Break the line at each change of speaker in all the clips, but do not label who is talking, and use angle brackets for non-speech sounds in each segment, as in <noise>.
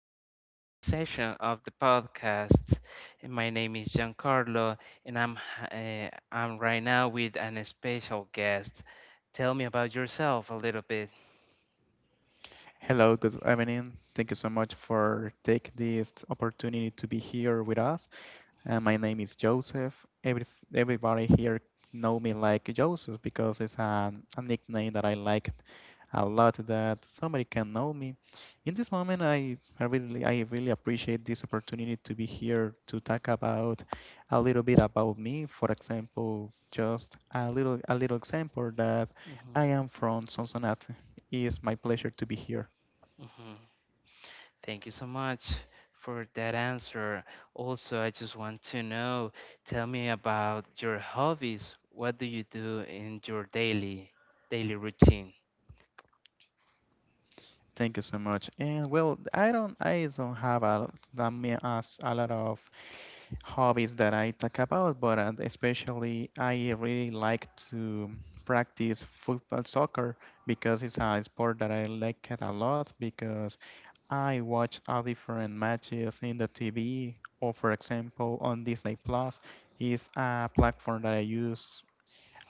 to a new session of the podcast. My name is Giancarlo, and I'm right now with an special guest. Tell me about yourself a little bit.
Hello, good evening. Thank you so much for taking this opportunity to be here with us. My name is Joseph. Every, everybody here know me like Joseph because it's a nickname that I like a lot that somebody can know me. In this moment, I really appreciate this opportunity to be here to talk about a little bit about me. For example, just a little example that
Mhm,
I am from Sonsonate. It's my pleasure to be here.
mhm. Thank you so much for that answer. Also, I just want to know, tell me about your hobbies. What do you do in your daily routine?
Thank you so much. And well, I don't have I mean, as a lot of hobbies that I talk about, but especially I really like to practice football soccer because it's a sport that I like it a lot because I watch all different matches in the TV or for example on Disney Plus is a platform that I use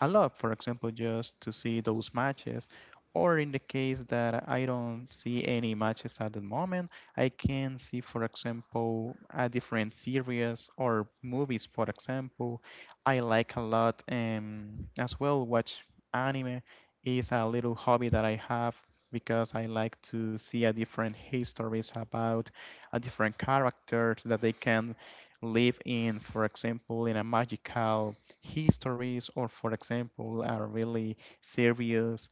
a lot, for example, just to see those matches. Or in the case that I don't see any matches at the moment, I can see, for example, a different series or movies, for example. I like a lot as well watch anime is a little hobby that I have because I like to see a different histories about a different characters that they can live in, for example, in a magical histories or for example are really serious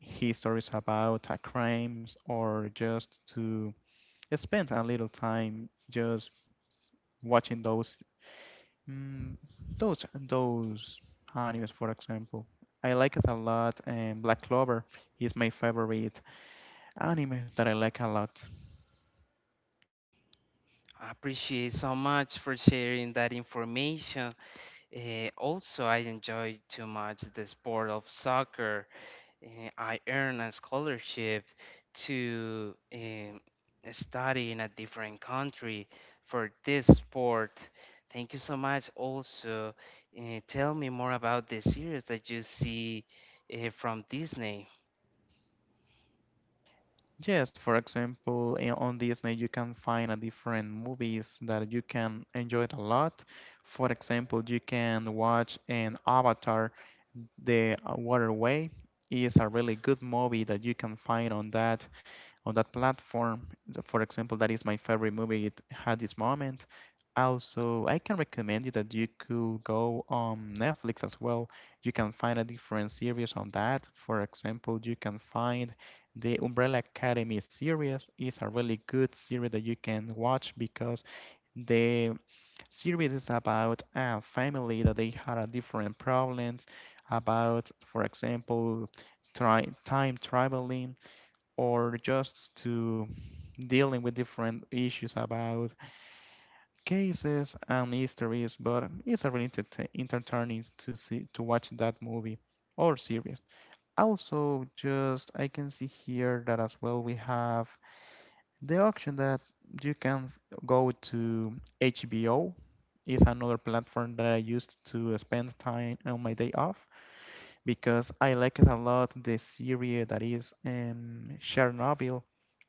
histories about crimes or just to spend a little time just watching those mm, those animes, for example. I like it a lot. And Black Clover is my favorite anime that I like a lot.
I appreciate so much for sharing that information. Eh, also, I enjoyed too much the sport of soccer. Eh, I earned a scholarship to study in a different country for this sport. Thank you so much. Also, eh, tell me more about the series that you see from Disney.
Yes, for example, on Disney you can find a different movies that you can enjoy it a lot. For example, you can watch an Avatar, The Waterway is a really good movie that you can find on that platform. For example, that is my favorite movie it had this moment. Also, I can recommend you that you could go on Netflix as well. You can find a different series on that. For example, you can find the Umbrella Academy series is a really good series that you can watch because the series is about a family that they had a different problems about, for example, time traveling or just to dealing with different issues about cases and mysteries. But it's a really entertaining to see to watch that movie or series. Also, just I can see here that as well we have the option that you can go to HBO is another platform that I used to spend time on my day off because I like it a lot. The series that is Chernobyl,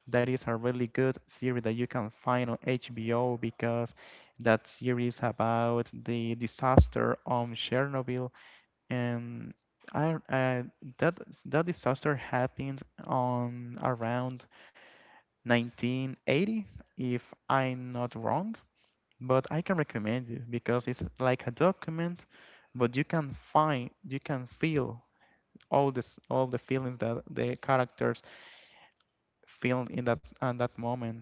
that is a really good series that you can find on HBO because that series about the disaster on Chernobyl and I, that that disaster happened on around 1980, if I'm not wrong, but I can recommend you because it's like a document, but you can find, you can feel all this, all the feelings that the characters feel in that at that moment.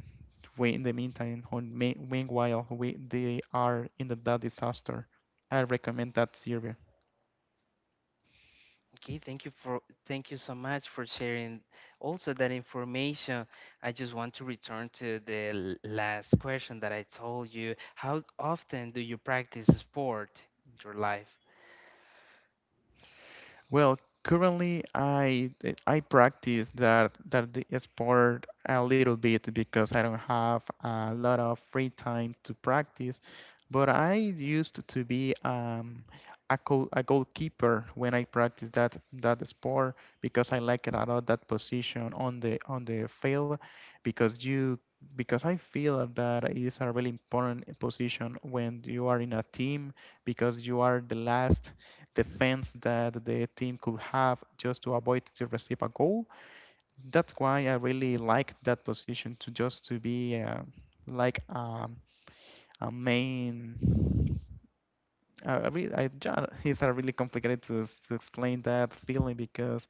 In the meantime, meanwhile, we they are in that disaster. I recommend that series.
Okay, thank you for thank you so much for sharing also that information. I just want to return to the last question that I told you. How often do you practice sport in your life?
Well, currently I practice that that the sport a little bit because I don't have a lot of free time to practice. But I used to be a goalkeeper when I practiced that sport because I like it a lot that position on the field because you because I feel that it is a really important position when you are in a team because you are the last defense that the team could have just to avoid to receive a goal. That's why I really like that position to just to be like a main. I, re- I, ja- it's a really complicated to explain that feeling because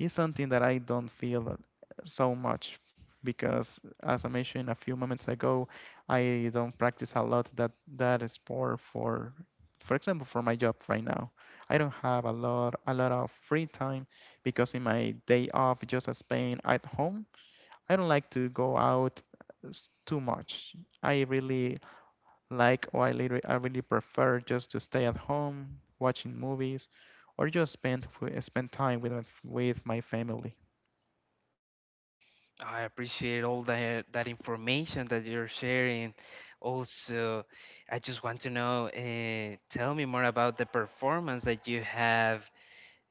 is something that I don't feel so much because, as I mentioned a few moments ago, I don't practice a lot that sport for example, for my job right now. I don't have a lot of free time because in my day off, just as being at home, I don't like to go out too much. I really like or I really prefer just to stay at home watching movies or just spend time with my family.
I appreciate all that information that you're sharing. Also, I just want to know, tell me more about the performance that you have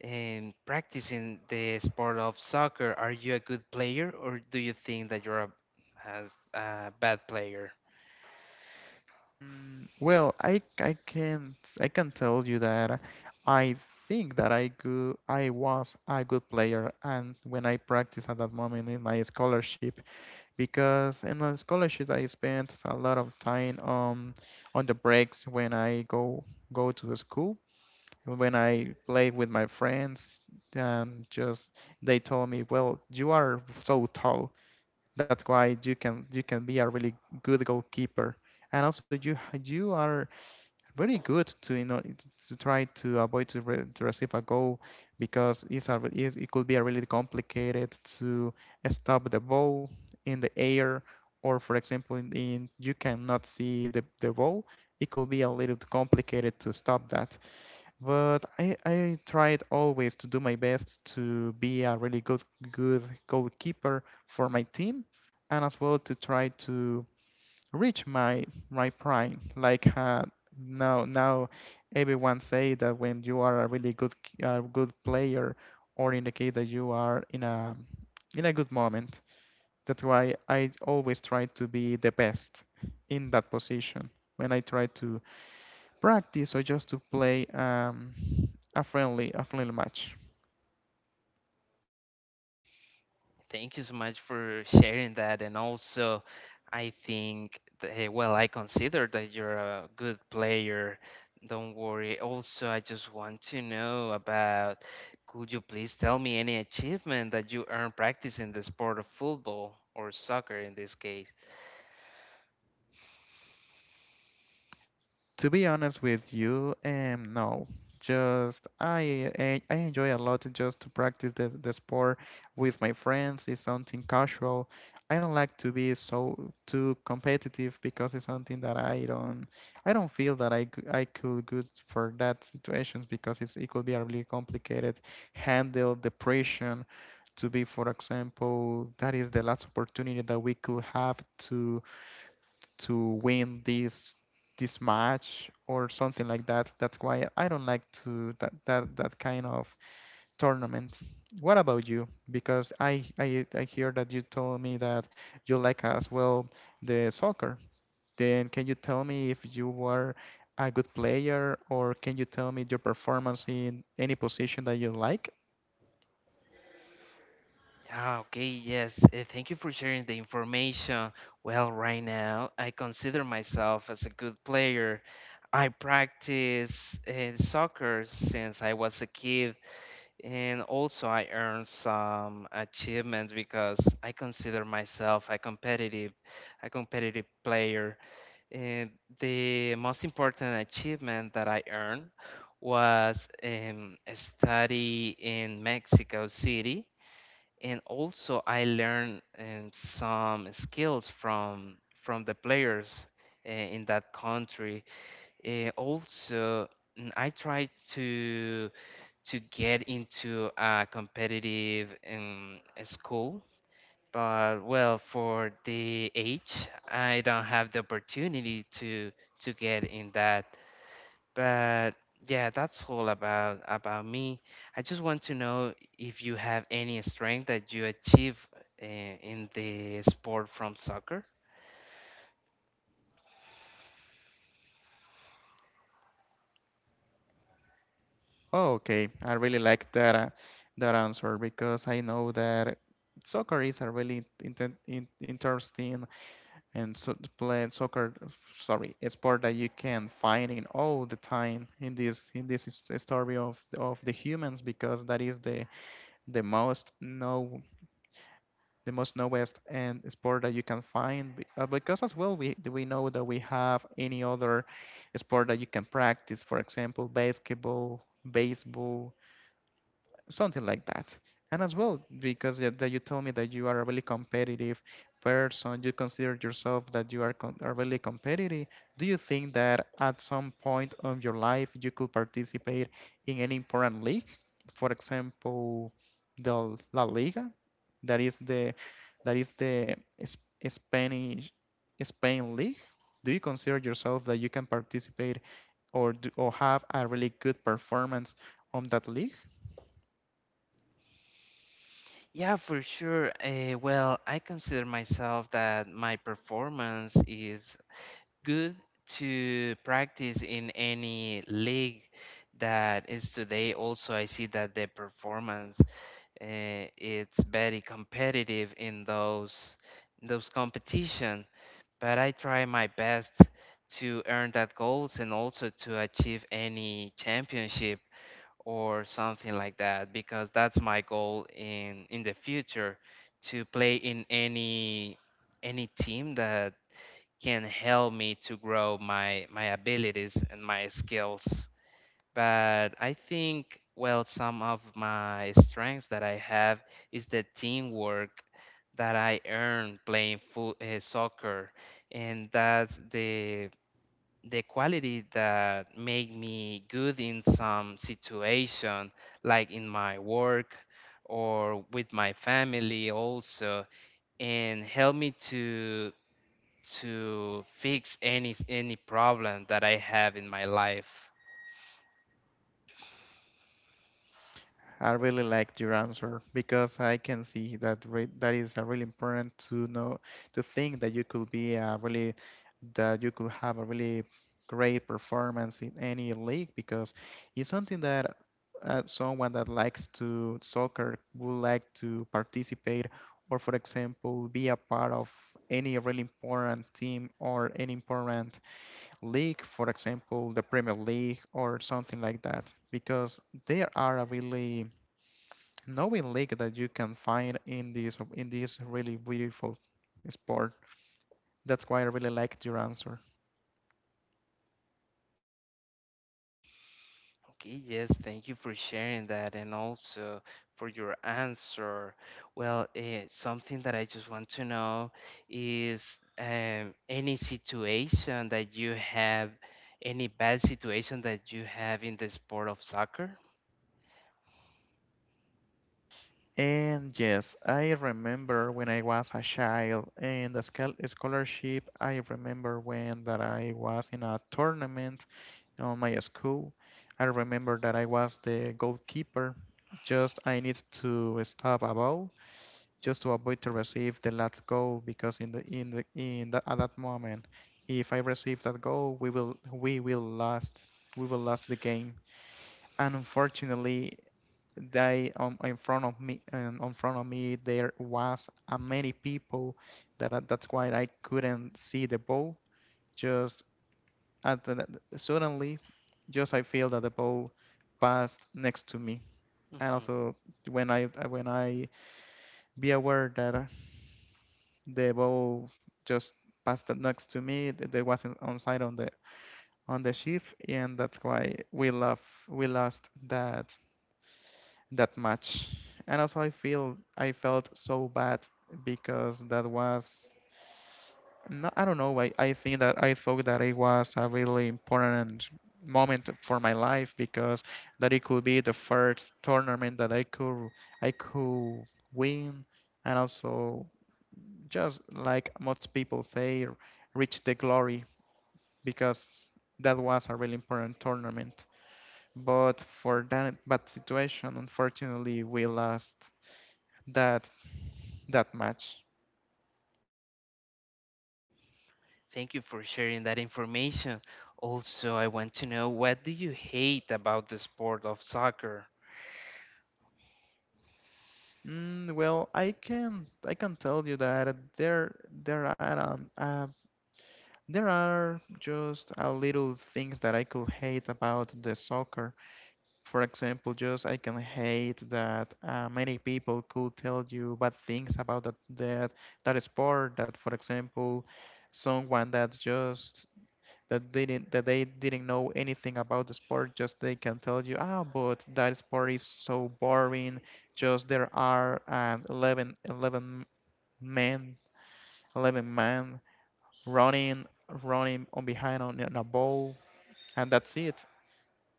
in practicing the sport of soccer. Are you a good player, or do you think that you're a, as a bad player?
Well, I can't I can tell you that I think that I was a good player and when I practiced at that moment in my scholarship because in the scholarship I spent a lot of time on the breaks when I go to the school when I play with my friends and just they told me, well, you are so tall, that's why you can be a really good goalkeeper, and also you are very good to to try to avoid to receive a goal because it could be a really complicated to stop the ball in the air or for example in you cannot see the ball, it could be a little complicated to stop that, but I tried always to do my best to be a really good goalkeeper for my team and as well to try to reach my prime. Like now everyone say that when you are a really good good player, or indicate that you are in a good moment. That's why I always try to be the best in that position when I try to practice or just to play a friendly match.
Thank you so much for sharing that. And also, I think, that, eh, well, I consider that you're a good player. Don't worry. Also, I just want to know about, could you please tell me any achievement that you earned practicing the sport of football or soccer in this case?
To be honest with you, no. Just I enjoy a lot just to practice the sport with my friends. It's something casual. I don't like to be so too competitive because it's something that I don't feel that I could good for that situations because it could be a really complicated handle depression to be, for example, that is the last opportunity that we could have to win this match or something like that. That's why I don't like that kind of tournament. What about you? Because I hear that you told me that you like as well the soccer. Then can you tell me if you were a good player, or can you tell me your performance in any position that you like?
Ah, okay, yes. Thank you for sharing the information. Well, right now, I consider myself as a good player. I practice soccer since I was a kid, and also I earned some achievements because I consider myself a competitive player. And the most important achievement that I earned was a study in Mexico City, and also I learned some skills from the players in that country. Also, I tried to get into a competitive school, but well, for the age, I don't have the opportunity to get in that, but yeah, that's all about me. I just want to know if you have any strength that you achieve in the sport from soccer.
Oh, okay. I really like that answer because I know that soccer is a really inten in interesting and so to play soccer, sorry, a sport that you can find in all the time in this in this story of the humans because that is the most know the most knowest and sport that you can find because as well we know that we have any other sport that you can practice, for example, basketball, baseball, something like that. And as well, because that you told me that you are a really competitive person, you consider yourself that you are really competitive. Do you think that at some point of your life you could participate in any important league? For example, the La Liga, that is the that is the S- Spanish Spain league. Do you consider yourself that you can participate or or have a really good performance on that league?
Yeah, for sure. Well, I consider myself that my performance is good to practice in any league that is today. Also, I see that the performance it's very competitive in those competitions, but I try my best to earn that goals and also to achieve any championship or something like that, because that's my goal in the future, to play in any team that can help me to grow my abilities and my skills. But I think, well, some of my strengths that I have is the teamwork that I earn playing soccer, and that's the quality that make me good in some situation, like in my work or with my family also, and help me to fix any problem that I have in my life.
I really liked your answer because I can see that is really important to know to think that you could have a really great performance in any league because it's something that someone that likes to soccer would like to participate or, for example, be a part of any really important team or any important league, for example, the Premier League or something like that, because there are a really knowing lake that you can find in this really beautiful sport. That's why I really liked your answer.
Okay, yes, thank you for sharing that and also for your answer. Well, eh, something that I just want to know is any situation that you have, any bad situation that you have in the sport of soccer?
And yes, I remember when I was a child and the scholarship. I remember when that I was in a tournament on my school. I remember that I was the goalkeeper. Just I need to stop a ball just to avoid to receive the last goal because at that moment, if I receive that goal, we will last the game, and unfortunately, they in front of me and in front of me there was a many people that that's why I couldn't see the ball, just at the, suddenly just I feel that the ball passed next to me, and
hmm
also when I when I be aware that the ball just passed next to me. There wasn't onside on the shift, and that's why we lost that match. And also, I felt so bad because that was no, I don't know. I think that I thought that it was a really important moment for my life because that it could be the first tournament that I could win and also just like most people say, reach the glory because that was a really important tournament. But for that bad situation, unfortunately, we lost that that match.
Thank you for sharing that information. Also, I want to know, what do you hate about the sport of soccer?
Well, I can tell you that there are there are just a little things that I could hate about the soccer. For example, just I can hate that many people could tell you bad things about that sport. That, for example, someone that just that didn't that they didn't know anything about the sport, just they can tell you, ah, but that sport is so boring. Just there are 11, 11 men, 11 men running running on behind on a ball, and that's it.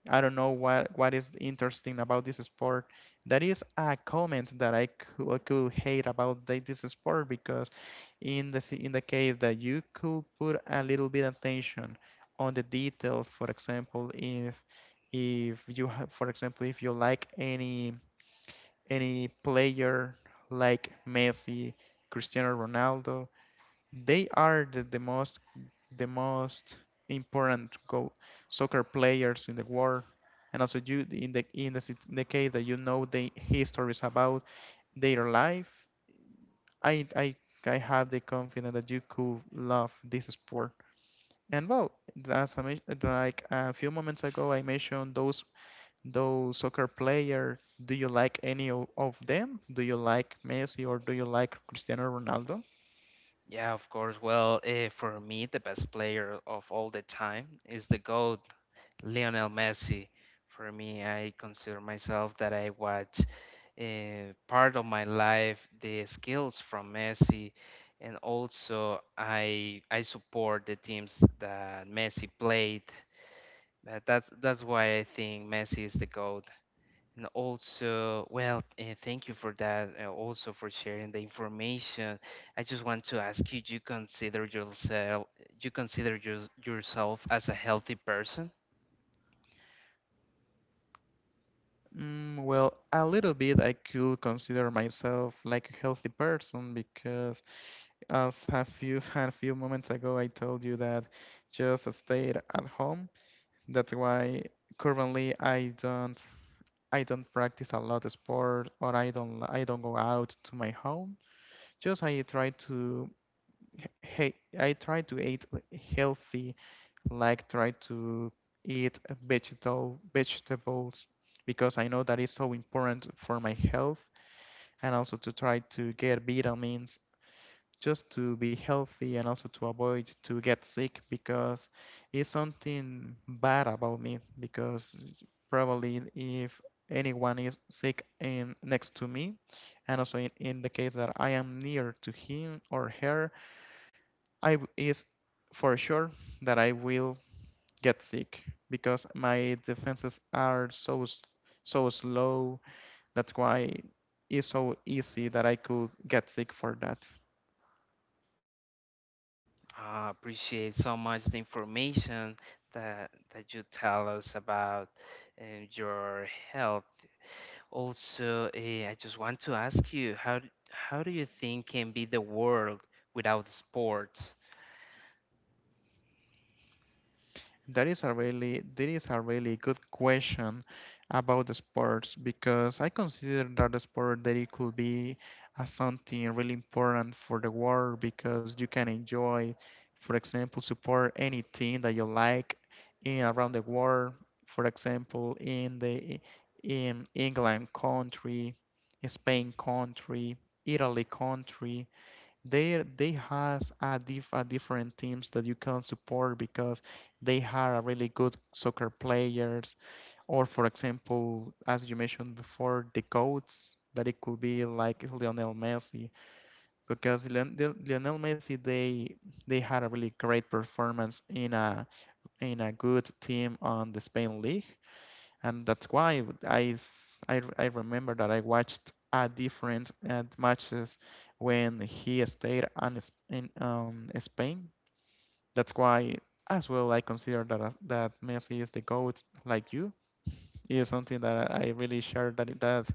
I don't know what is interesting about this sport. That is a comment that could hate about this sport because in the in the case that you could put a little bit attention on the details, for example, if you have, for example, if you like any player like Messi, Cristiano Ronaldo, they are the most the most important go soccer players in the world and also you in in the case that you know the histories about their life i i I have the confidence that you could love this sport. And well, as I like a few moments ago I mentioned those soccer player, do you like any of them? Do you like Messi or do you like Cristiano Ronaldo?
Yeah, of course. Well, eh, for me, the best player of all the time is the GOAT, Lionel Messi. For me, I consider myself that I watch part of my life the skills from Messi, and also I support the teams that Messi played. But that's why I think Messi is the GOAT. And also, well, thank you for that. Also for sharing the information. I just want to ask you: do you consider yourself you consider your, yourself as a healthy person?
Well, a little bit I could consider myself like a healthy person because as a few <laughs> a few moments ago I told you that just stayed at home. That's why currently I don't practice a lot of sport or I don't go out to my home. Just I try to hey I try to eat healthy, like try to eat vegetables because I know that is so important for my health and also to try to get vitamins just to be healthy and also to avoid to get sick because it's something bad about me because probably if anyone is sick in next to me and also in the case that I am near to him or her is for sure that I will get sick because my defenses are so so slow. That's why it's so easy that I could get sick for that.
I appreciate so much the information that you tell us about your health. Also, eh, I just want to ask you, how how do you think can be the world without sports?
That is a really good question about the sports because I consider that the sport that it could be a something really important for the world because you can enjoy, for example, support any team that you like in around the world. For example, in the in England country, Spain country, Italy country. They has a different teams that you can support because they have a really good soccer players, or for example, as you mentioned before, the goats that it could be like Lionel Messi because Lionel Messi they had a really great performance in a good team on the Spain league and that's why I remember that I watched a different matches when he stayed on S- in Spain. That's why as well I consider that that Messi is the goat like you. It is something that I really share that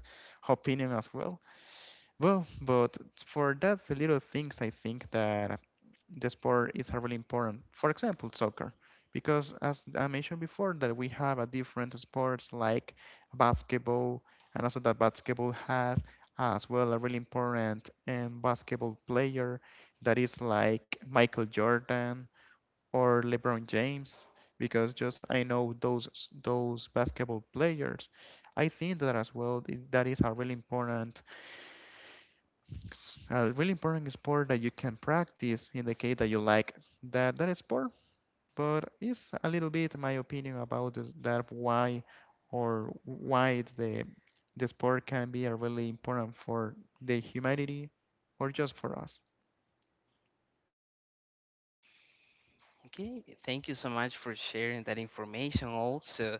opinion as well. Well, but for that little things, I think that the sport is really important. For example, soccer, because as I mentioned before, that we have a different sports like basketball, and also that basketball has as well a really important basketball player that is like Michael Jordan or LeBron James. Because just I know those basketball players, I think that as well that is a really important a really important sport that you can practice in the case that you like that sport. But it's a little bit my opinion about this, that why or why the sport can be a really important for the humanity or just for us.
Okay, thank you so much for sharing that information. Also,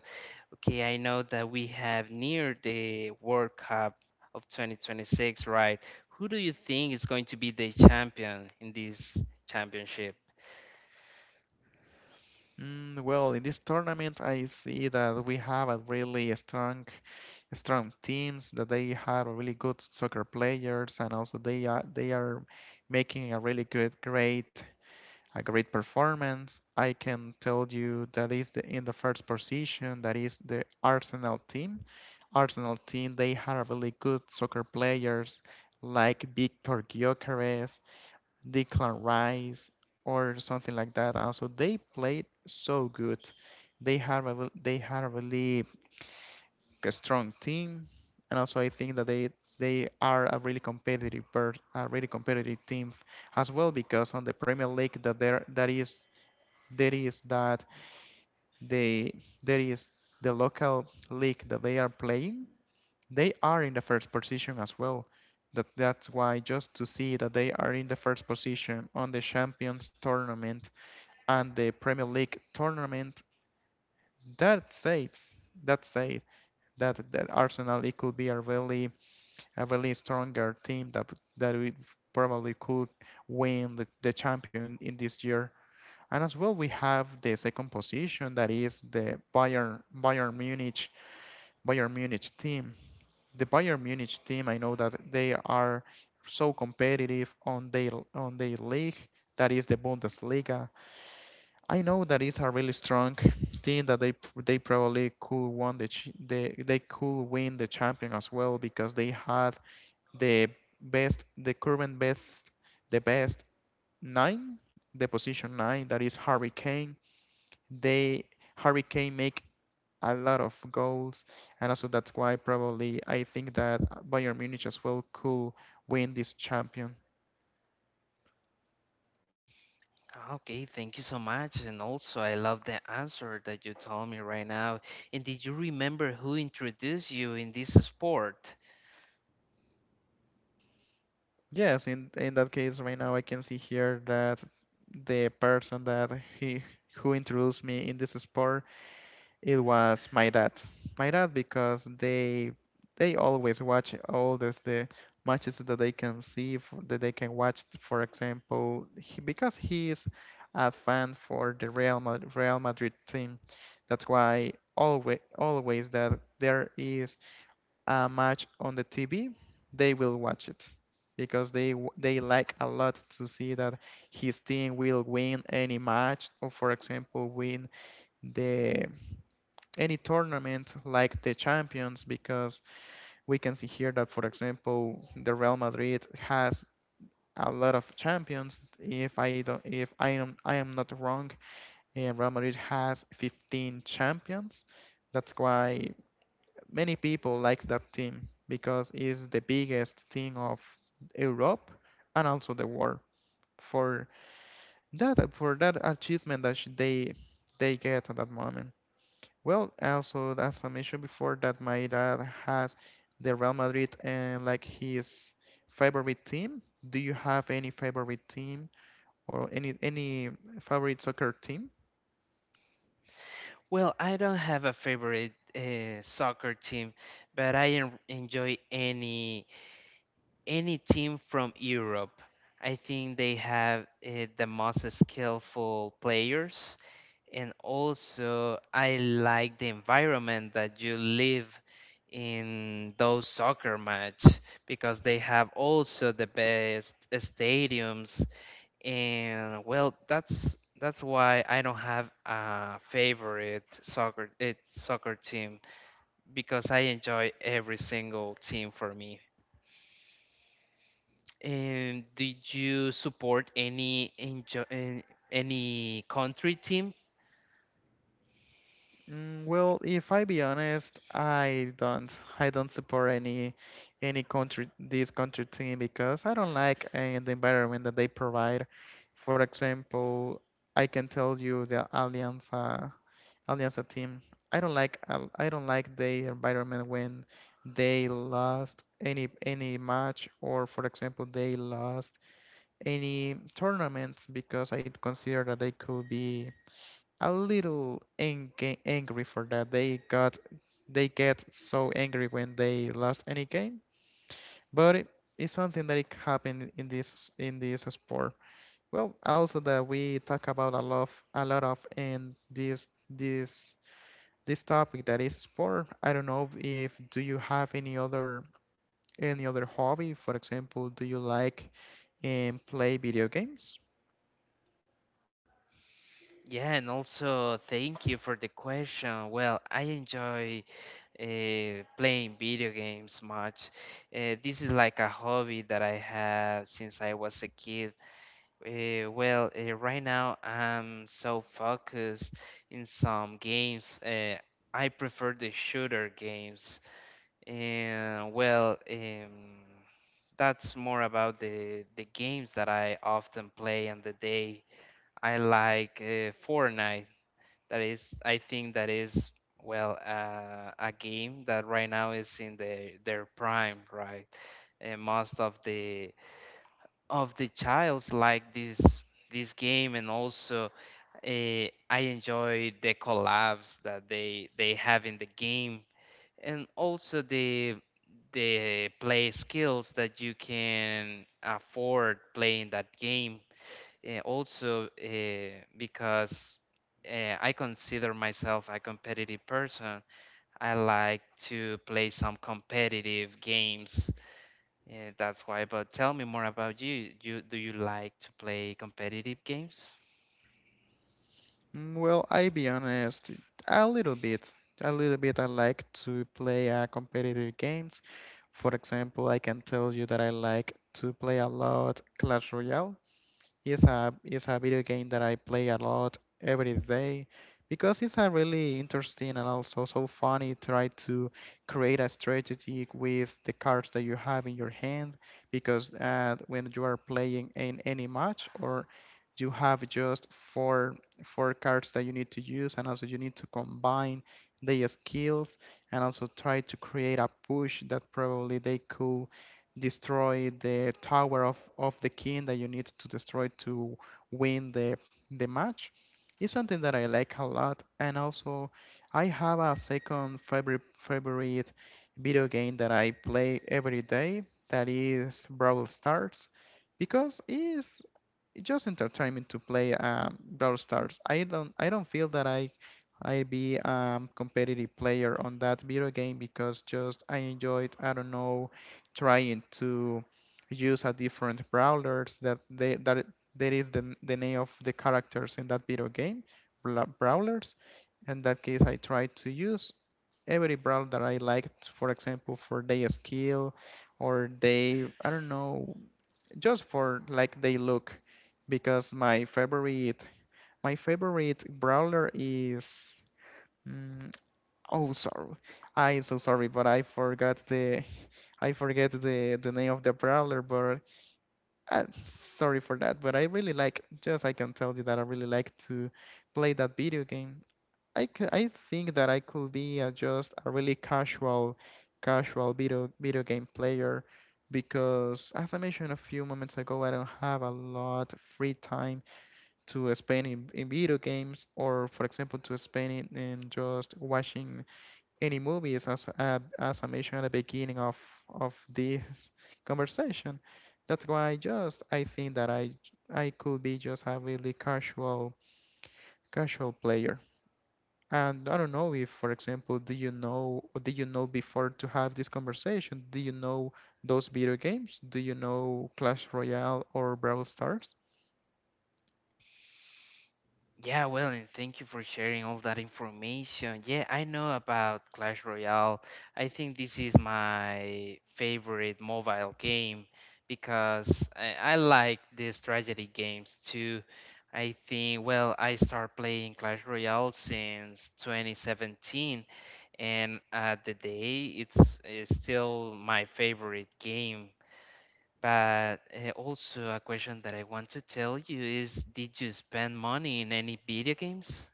okay, I know that we have near the World Cup of 2026, right? Who do you think is going to be the champion in this championship?
Well, in this tournament, I see that we have a really strong teams that they have a really good soccer players and also they are making a really good great a great performance. I can tell you that is in the first position, that is the Arsenal team. Arsenal team, they have really good soccer players like Victor Gyökeres, Declan Rice, or something like that. Also, they played so good. They have a, they have a really strong team, and also I think that they are a really competitive team as well because on the Premier League that is there is that they there is the local league that they are playing, they are in the first position as well. That's why just to see that they are in the first position on the Champions tournament and the Premier League tournament, that says that says that Arsenal it could be a really stronger team that we probably could win the champion in this year. And as well, we have the second position that is the Bayern Munich team. The Bayern Munich team, I know that they are so competitive on their league, that is the Bundesliga. I know that it's a really strong team that they probably could won they could win the champion as well because they had the the current best the best nine the position nine, that is Harry Kane. They Hurricane make a lot of goals, and also that's why probably I think that Bayern Munich as well could win this champion.
Ah, okay, thank you so much. And also, I love the answer that you told me right now. And did you remember who introduced you in this sport?
Yes, in that case, right now I can see here that the person that he who introduced me in this sport, it was my dad. My dad, because they always watch all those the matches that they can see that they can watch. For example, he, because he is a fan for the Real Madrid, Real Madrid team, that's why always that there is a match on the TV, they will watch it because they like a lot to see that his team will win any match or for example win the any tournament like the Champions because we can see here that, for example, the Real Madrid has a lot of champions. If I am, I am not wrong, eh, Real Madrid has 15 champions. That's why many people likes that team because it's the biggest team of Europe and also the world for that achievement that they get at that moment. Well, also as I mentioned before, that my dad has the Real Madrid and like his favorite team. Do you have any favorite team or any favorite soccer team?
Well, I don't have a favorite soccer team, but I enjoy any team from Europe. I think they have the most skillful players. And also, I like the environment that you live in those soccer match, because they have also the best stadiums. And well, that's why I don't have a favorite soccer team, because I enjoy every single team for me. And did you support any any country team?
Well, if I be honest, I don't. I don't support any country this country team because I don't like the environment that they provide. For example, I can tell you the Alianza on the team. I don't like I don't like the environment when they lost any match or for example they lost any tournaments because I consider that they could be a little angry for that. They got they get so angry when they lost any game, but it's something that it happened in this sport. Well, also that we talk about a lot, a lot of in this this topic that is sport. I don't know if do you have any other hobby? For example, do you like play video games?
Yeah, and also thank you for the question. Well, I enjoy playing video games much. This is like a hobby that I have since I was a kid. Well, right now I'm so focused in some games. I prefer the shooter games. And well, that's more about the games that I often play on the day. I like Fortnite. That is, I think that is well a game that right now is in their prime, right? And most of the childs like this game, and also I enjoy the collabs that they have in the game, and also the play skills that you can afford playing that game. Also, because I consider myself a competitive person, I like to play some competitive games. That's why. But tell me more about you. Do you like to play competitive games?
Well, I be honest, a little bit. A little bit I like to play competitive games. For example, I can tell you that I like to play a lot Clash Royale. It's a video game that I play a lot every day because it's a really interesting and also so funny try to create a strategy with the cards that you have in your hand because when you are playing in any match, or you have just four four cards that you need to use, and also you need to combine their skills and also try to create a push that probably they could destroy the tower of the king that you need to destroy to win the match is something that I like a lot. And also I have a second favorite video game that I play every day, that is Brawl Stars, because it's just entertainment to play Brawl Stars. I don't feel that I be competitive player on that video game because just I enjoyed, I don't know, trying to use a different brawlers that that is the name of the characters in that video game, brawlers. In that case, I try to use every brawler that I liked. For example, for their skill, or they, I don't know, just for like they look. Because my favorite brawler is mm, oh sorry, I'm so sorry, but I forgot the I forget the name of the brawler, but sorry for that. But I really like, just I can tell you that I really like to play that video game. I could, I think that I could be just a really casual, casual video game player because, as I mentioned a few moments ago, I don't have a lot of free time to spend in video games, or for example, to spend it in just watching any movies, as I mentioned at the beginning of this <laughs> conversation. That's why just I think that I could be just a really casual, casual player. And I don't know if, for example, do you know before to have this conversation, do you know those video games? Do you know Clash Royale or Brawl Stars?
Yeah, well, and thank you for sharing all that information. Yeah, I know about Clash Royale. I think this is my favorite mobile game because I like the strategy games too. I think, well, I started playing Clash Royale since 2017, and at the day, it's still my favorite game. But also, a question that I want to tell you is: did you spend money in any video games?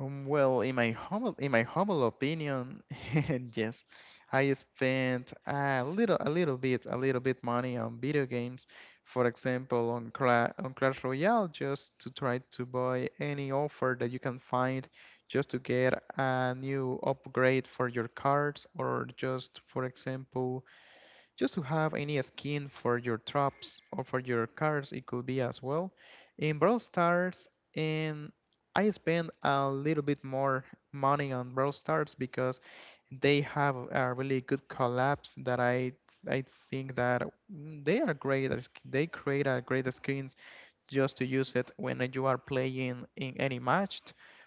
Well, in my humble, in my humble opinion, <laughs> yes, I spent a little bit money on video games, for example, on Cla on Clash Royale, just to try to buy any offer that you can find, just to get a new upgrade for your cards, or just for example, just to have any skin for your traps or for your cars. It could be as well in Brawl Stars, and I spend a little bit more money on Brawl Stars because they have a really good collabs that I think that they are great, they create a great skin just to use it when you are playing in any match.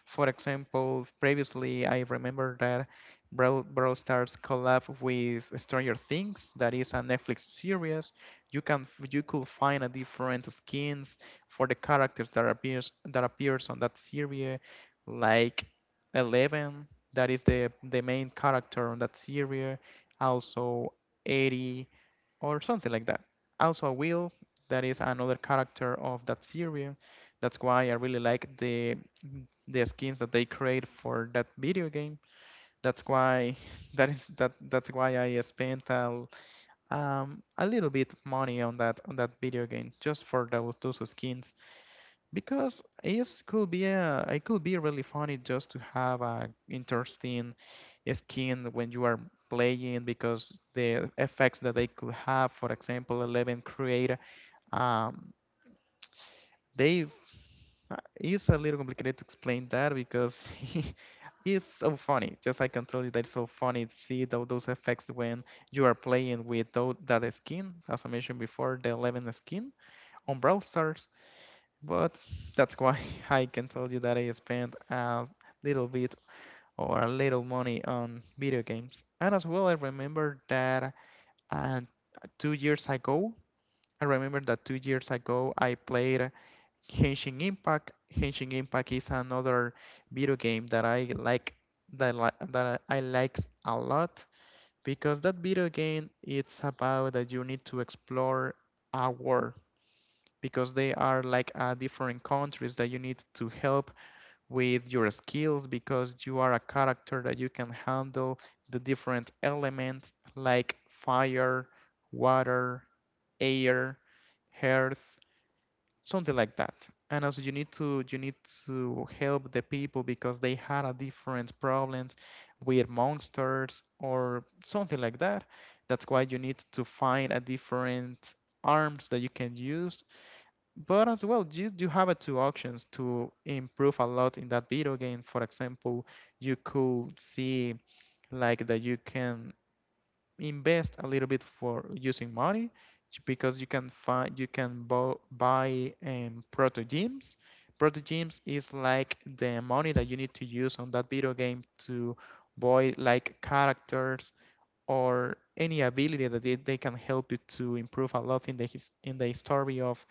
For example, previously I remember that Brawl Stars collab with Stranger Things, that is a Netflix series. You can, you could find a different skins for the characters that appears on that series, like 11, that is the main character on that series. Also, Eddie or something like that. Also, Will, that is another character of that series. That's why I really like the skins that they create for that video game. That's why <laughs> that is that that's why I spent a little bit money on that video game just for those skins, because it could be a, it could be really funny just to have a interesting skin when you are playing, because the effects that they could have, for example 11 create um, they it's a little complicated to explain that because <laughs> it's so funny. Just I can tell you that it's so funny to see those effects when you are playing with that skin, as I mentioned before, the 11 skin on browsers. But that's why <laughs> I can tell you that I spent a little bit or a little money on video games. And as well, I remember that uh, 2 years ago, I remember that 2 years ago I played Henshin Impact. Henshin Impact is another video game that I like, that li that I likes a lot, because that video game, it's about that you need to explore a world because they are like different countries that you need to help with your skills because you are a character that you can handle the different elements, like fire, water, air, earth, something like that. And also you need to help the people because they had a different problems with monsters or something like that. That's why you need to find a different arms that you can use, but as well you do have a two options to improve a lot in that video game. For example, you could see like that you can invest a little bit for using money because you can buy proto gems. Proto gems is like the money that you need to use on that video game to buy like characters or any ability that they can help you to improve a lot in the in the story of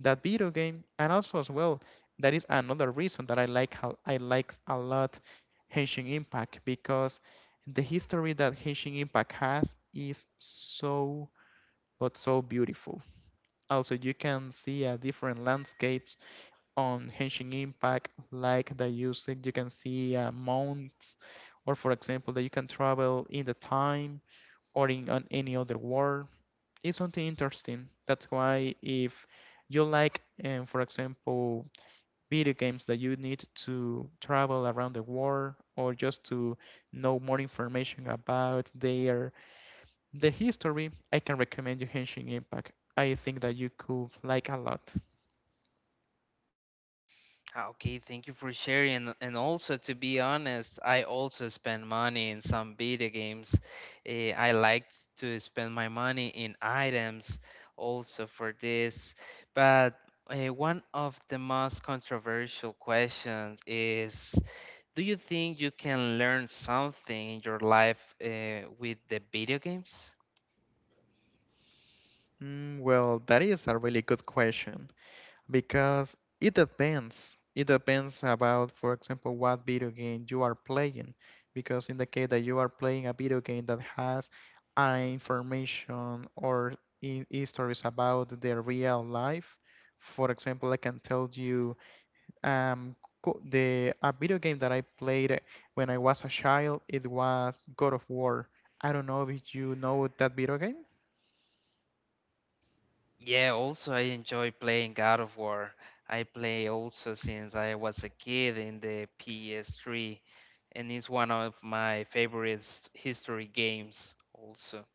that video game. And also, as well, that is another reason that I like, how I likes a lot Henshin Impact, because the history that Henshin Impact has is so, but so beautiful. Also, you can see different landscapes on Henshin Impact, like the using. You can see mounts, or for example, that you can travel in the time or in on any other word is something interesting. That's why if you like, for example, video games that you need to travel around the world or just to know more information about their history, I can recommend you Henshin Impact. I think that you could like a lot.
Ah, okay, thank you for sharing. And also, to be honest, I also spend money in some video games. Eh, I liked to spend my money in items also for this. But one of the most controversial questions is: do you think you can learn something in your life with the video games?
Well, that is a really good question. Because it depends. It depends about, for example, what video game you are playing. Because in the case that you are playing a video game that has information or in stories about their real life, for example, I can tell you um, the a video game that I played when I was a child, it was God of War. I don't know if you know that video game.
Yeah, also I enjoy playing God of War. I play also since I was a kid in the PS3, and it's one of my favorite history games also.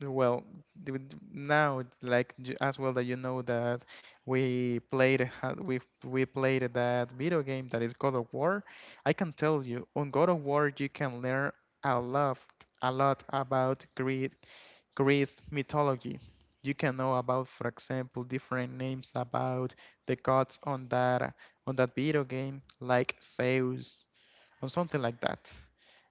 Well, now it's like as well that you know that we played we played that video game, that is God of War. I can tell you on God of War you can learn a lot a lot about Greek Greece mythology. You can know about, for example, different names about the gods on that video game, like Zeus or something like that.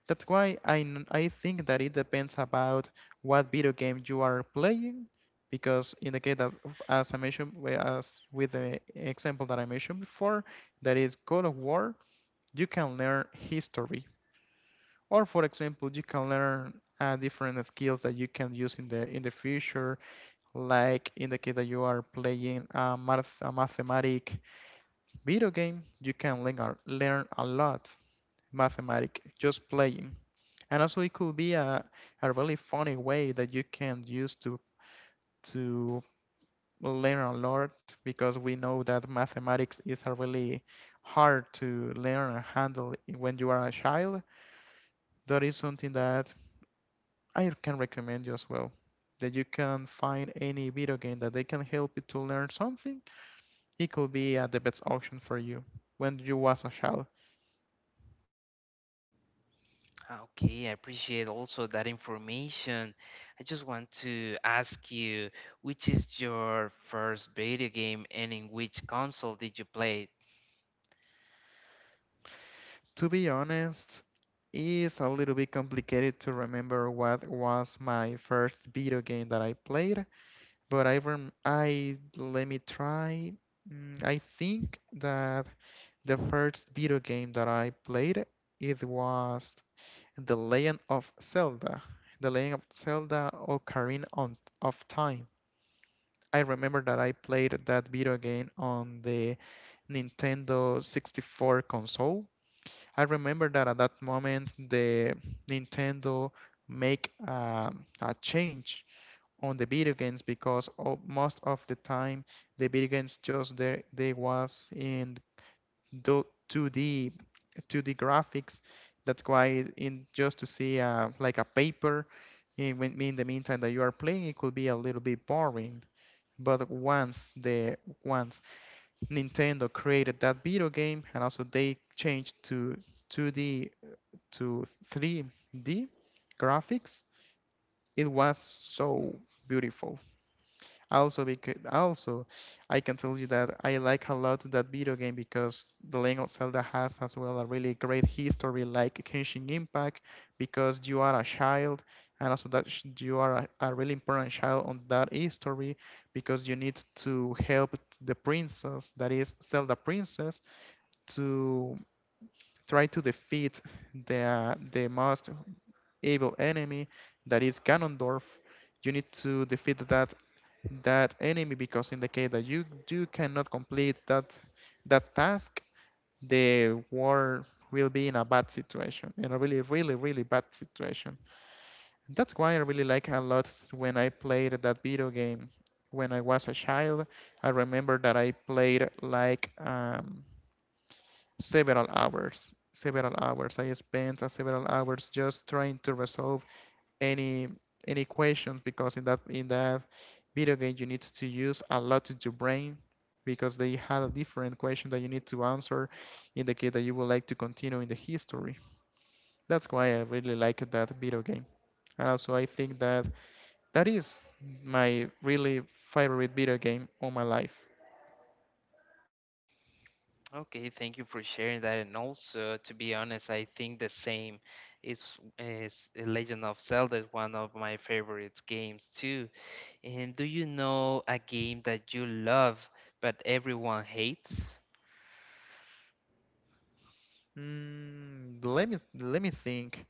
That's why I, I think that it depends about what video game you are playing, because in the case that, as I mentioned, as with the example that I mentioned before, that is God of War, you can learn history, or for example, you can learn different skills that you can use in the future, like in the case that you are playing a mathematic video game, you can learn learn a lot mathematic just playing. And also, it could be a really funny way that you can use to to learn a lot, because we know that mathematics is a really hard to learn and handle when you are a child. That is something that I can recommend you as well. That you can find any video game that they can help you to learn something. It could be the best option for you when you was a child.
Ah, okay, I appreciate also that information. I just want to ask you, which is your first video game, and in which console did you play it?
To be honest, it's a little bit complicated to remember what was my first video game that I played, but I, let me try. I think that the first video game that I played, it was The Legend of Zelda, The Legend of Zelda Ocarina of Time. I remember that I played that video game on the Nintendo 64 console. I remember that at that moment the Nintendo make a change on the video games, because o most of the time the video games, just there they was in 2D 2D graphics. That's why in just to see like a paper in, in the meantime that you are playing, it could be a little bit boring. But once the once Nintendo created that video game and also they changed to 2D to 3D graphics, it was so beautiful. Also, because also, I can tell you that I like a lot that video game because The Legend of Zelda has as well a really great history, like Genshin Impact, because you are a child, and also that you are a really important child on that history, because you need to help the princess, that is Zelda princess, to try to defeat the most evil enemy that is Ganondorf. You need to defeat that enemy because in the case that you do cannot complete that task, the war will be in a bad situation, in a really, really, really bad situation. That's why I really like a lot when I played that video game when I was a child. I remember that I played like several hours. Several hours. I spent several hours just trying to resolve any any equations because in that video game you need to use a lot of your brain because they had a different question that you need to answer in the case that you would like to continue in the history. That's why I really like that video game. And also I think that that is my really favorite video game on my life.
Okay, thank you for sharing that. And also, to be honest, I think the same is, Legend of Zelda is one of my favorite games too. And do you know a game that you love but everyone hates?
Let me let me think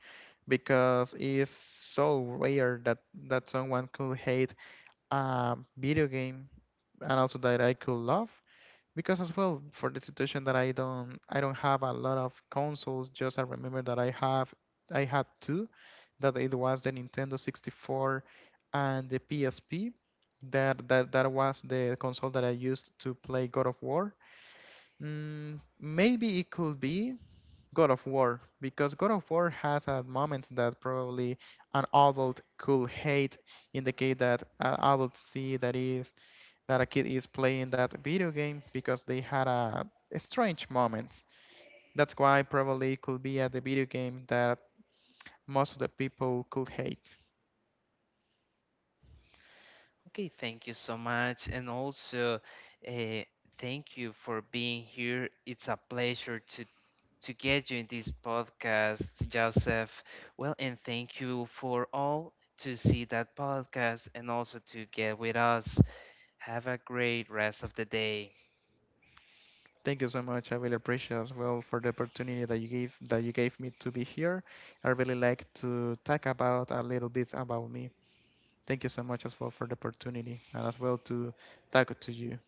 because it's so rare that someone could hate video game and also that I could love, because as well for the situation that I don't have a lot of consoles, just I remember that I had two, that it was the Nintendo 64 and the PSP, that was the console that I used to play God of War. Maybe it could be God of War because God of War has a moments that probably an adult could hate, in the case that an adult see that is that a kid is playing that video game, because they had a strange moments. That's why probably it could be at the video game that most of the people could hate.
Okay, thank you so much. And also, uh, thank you for being here. It's a pleasure to get you in this podcast, Joseph. Well, and thank you for all to see that podcast and also to get with us. Have a great rest of the day.
Thank you so much. I really appreciate as well for the opportunity that you gave me to be here. I really like to talk about a little bit about me. Thank you so much as well for the opportunity and as well to talk to you.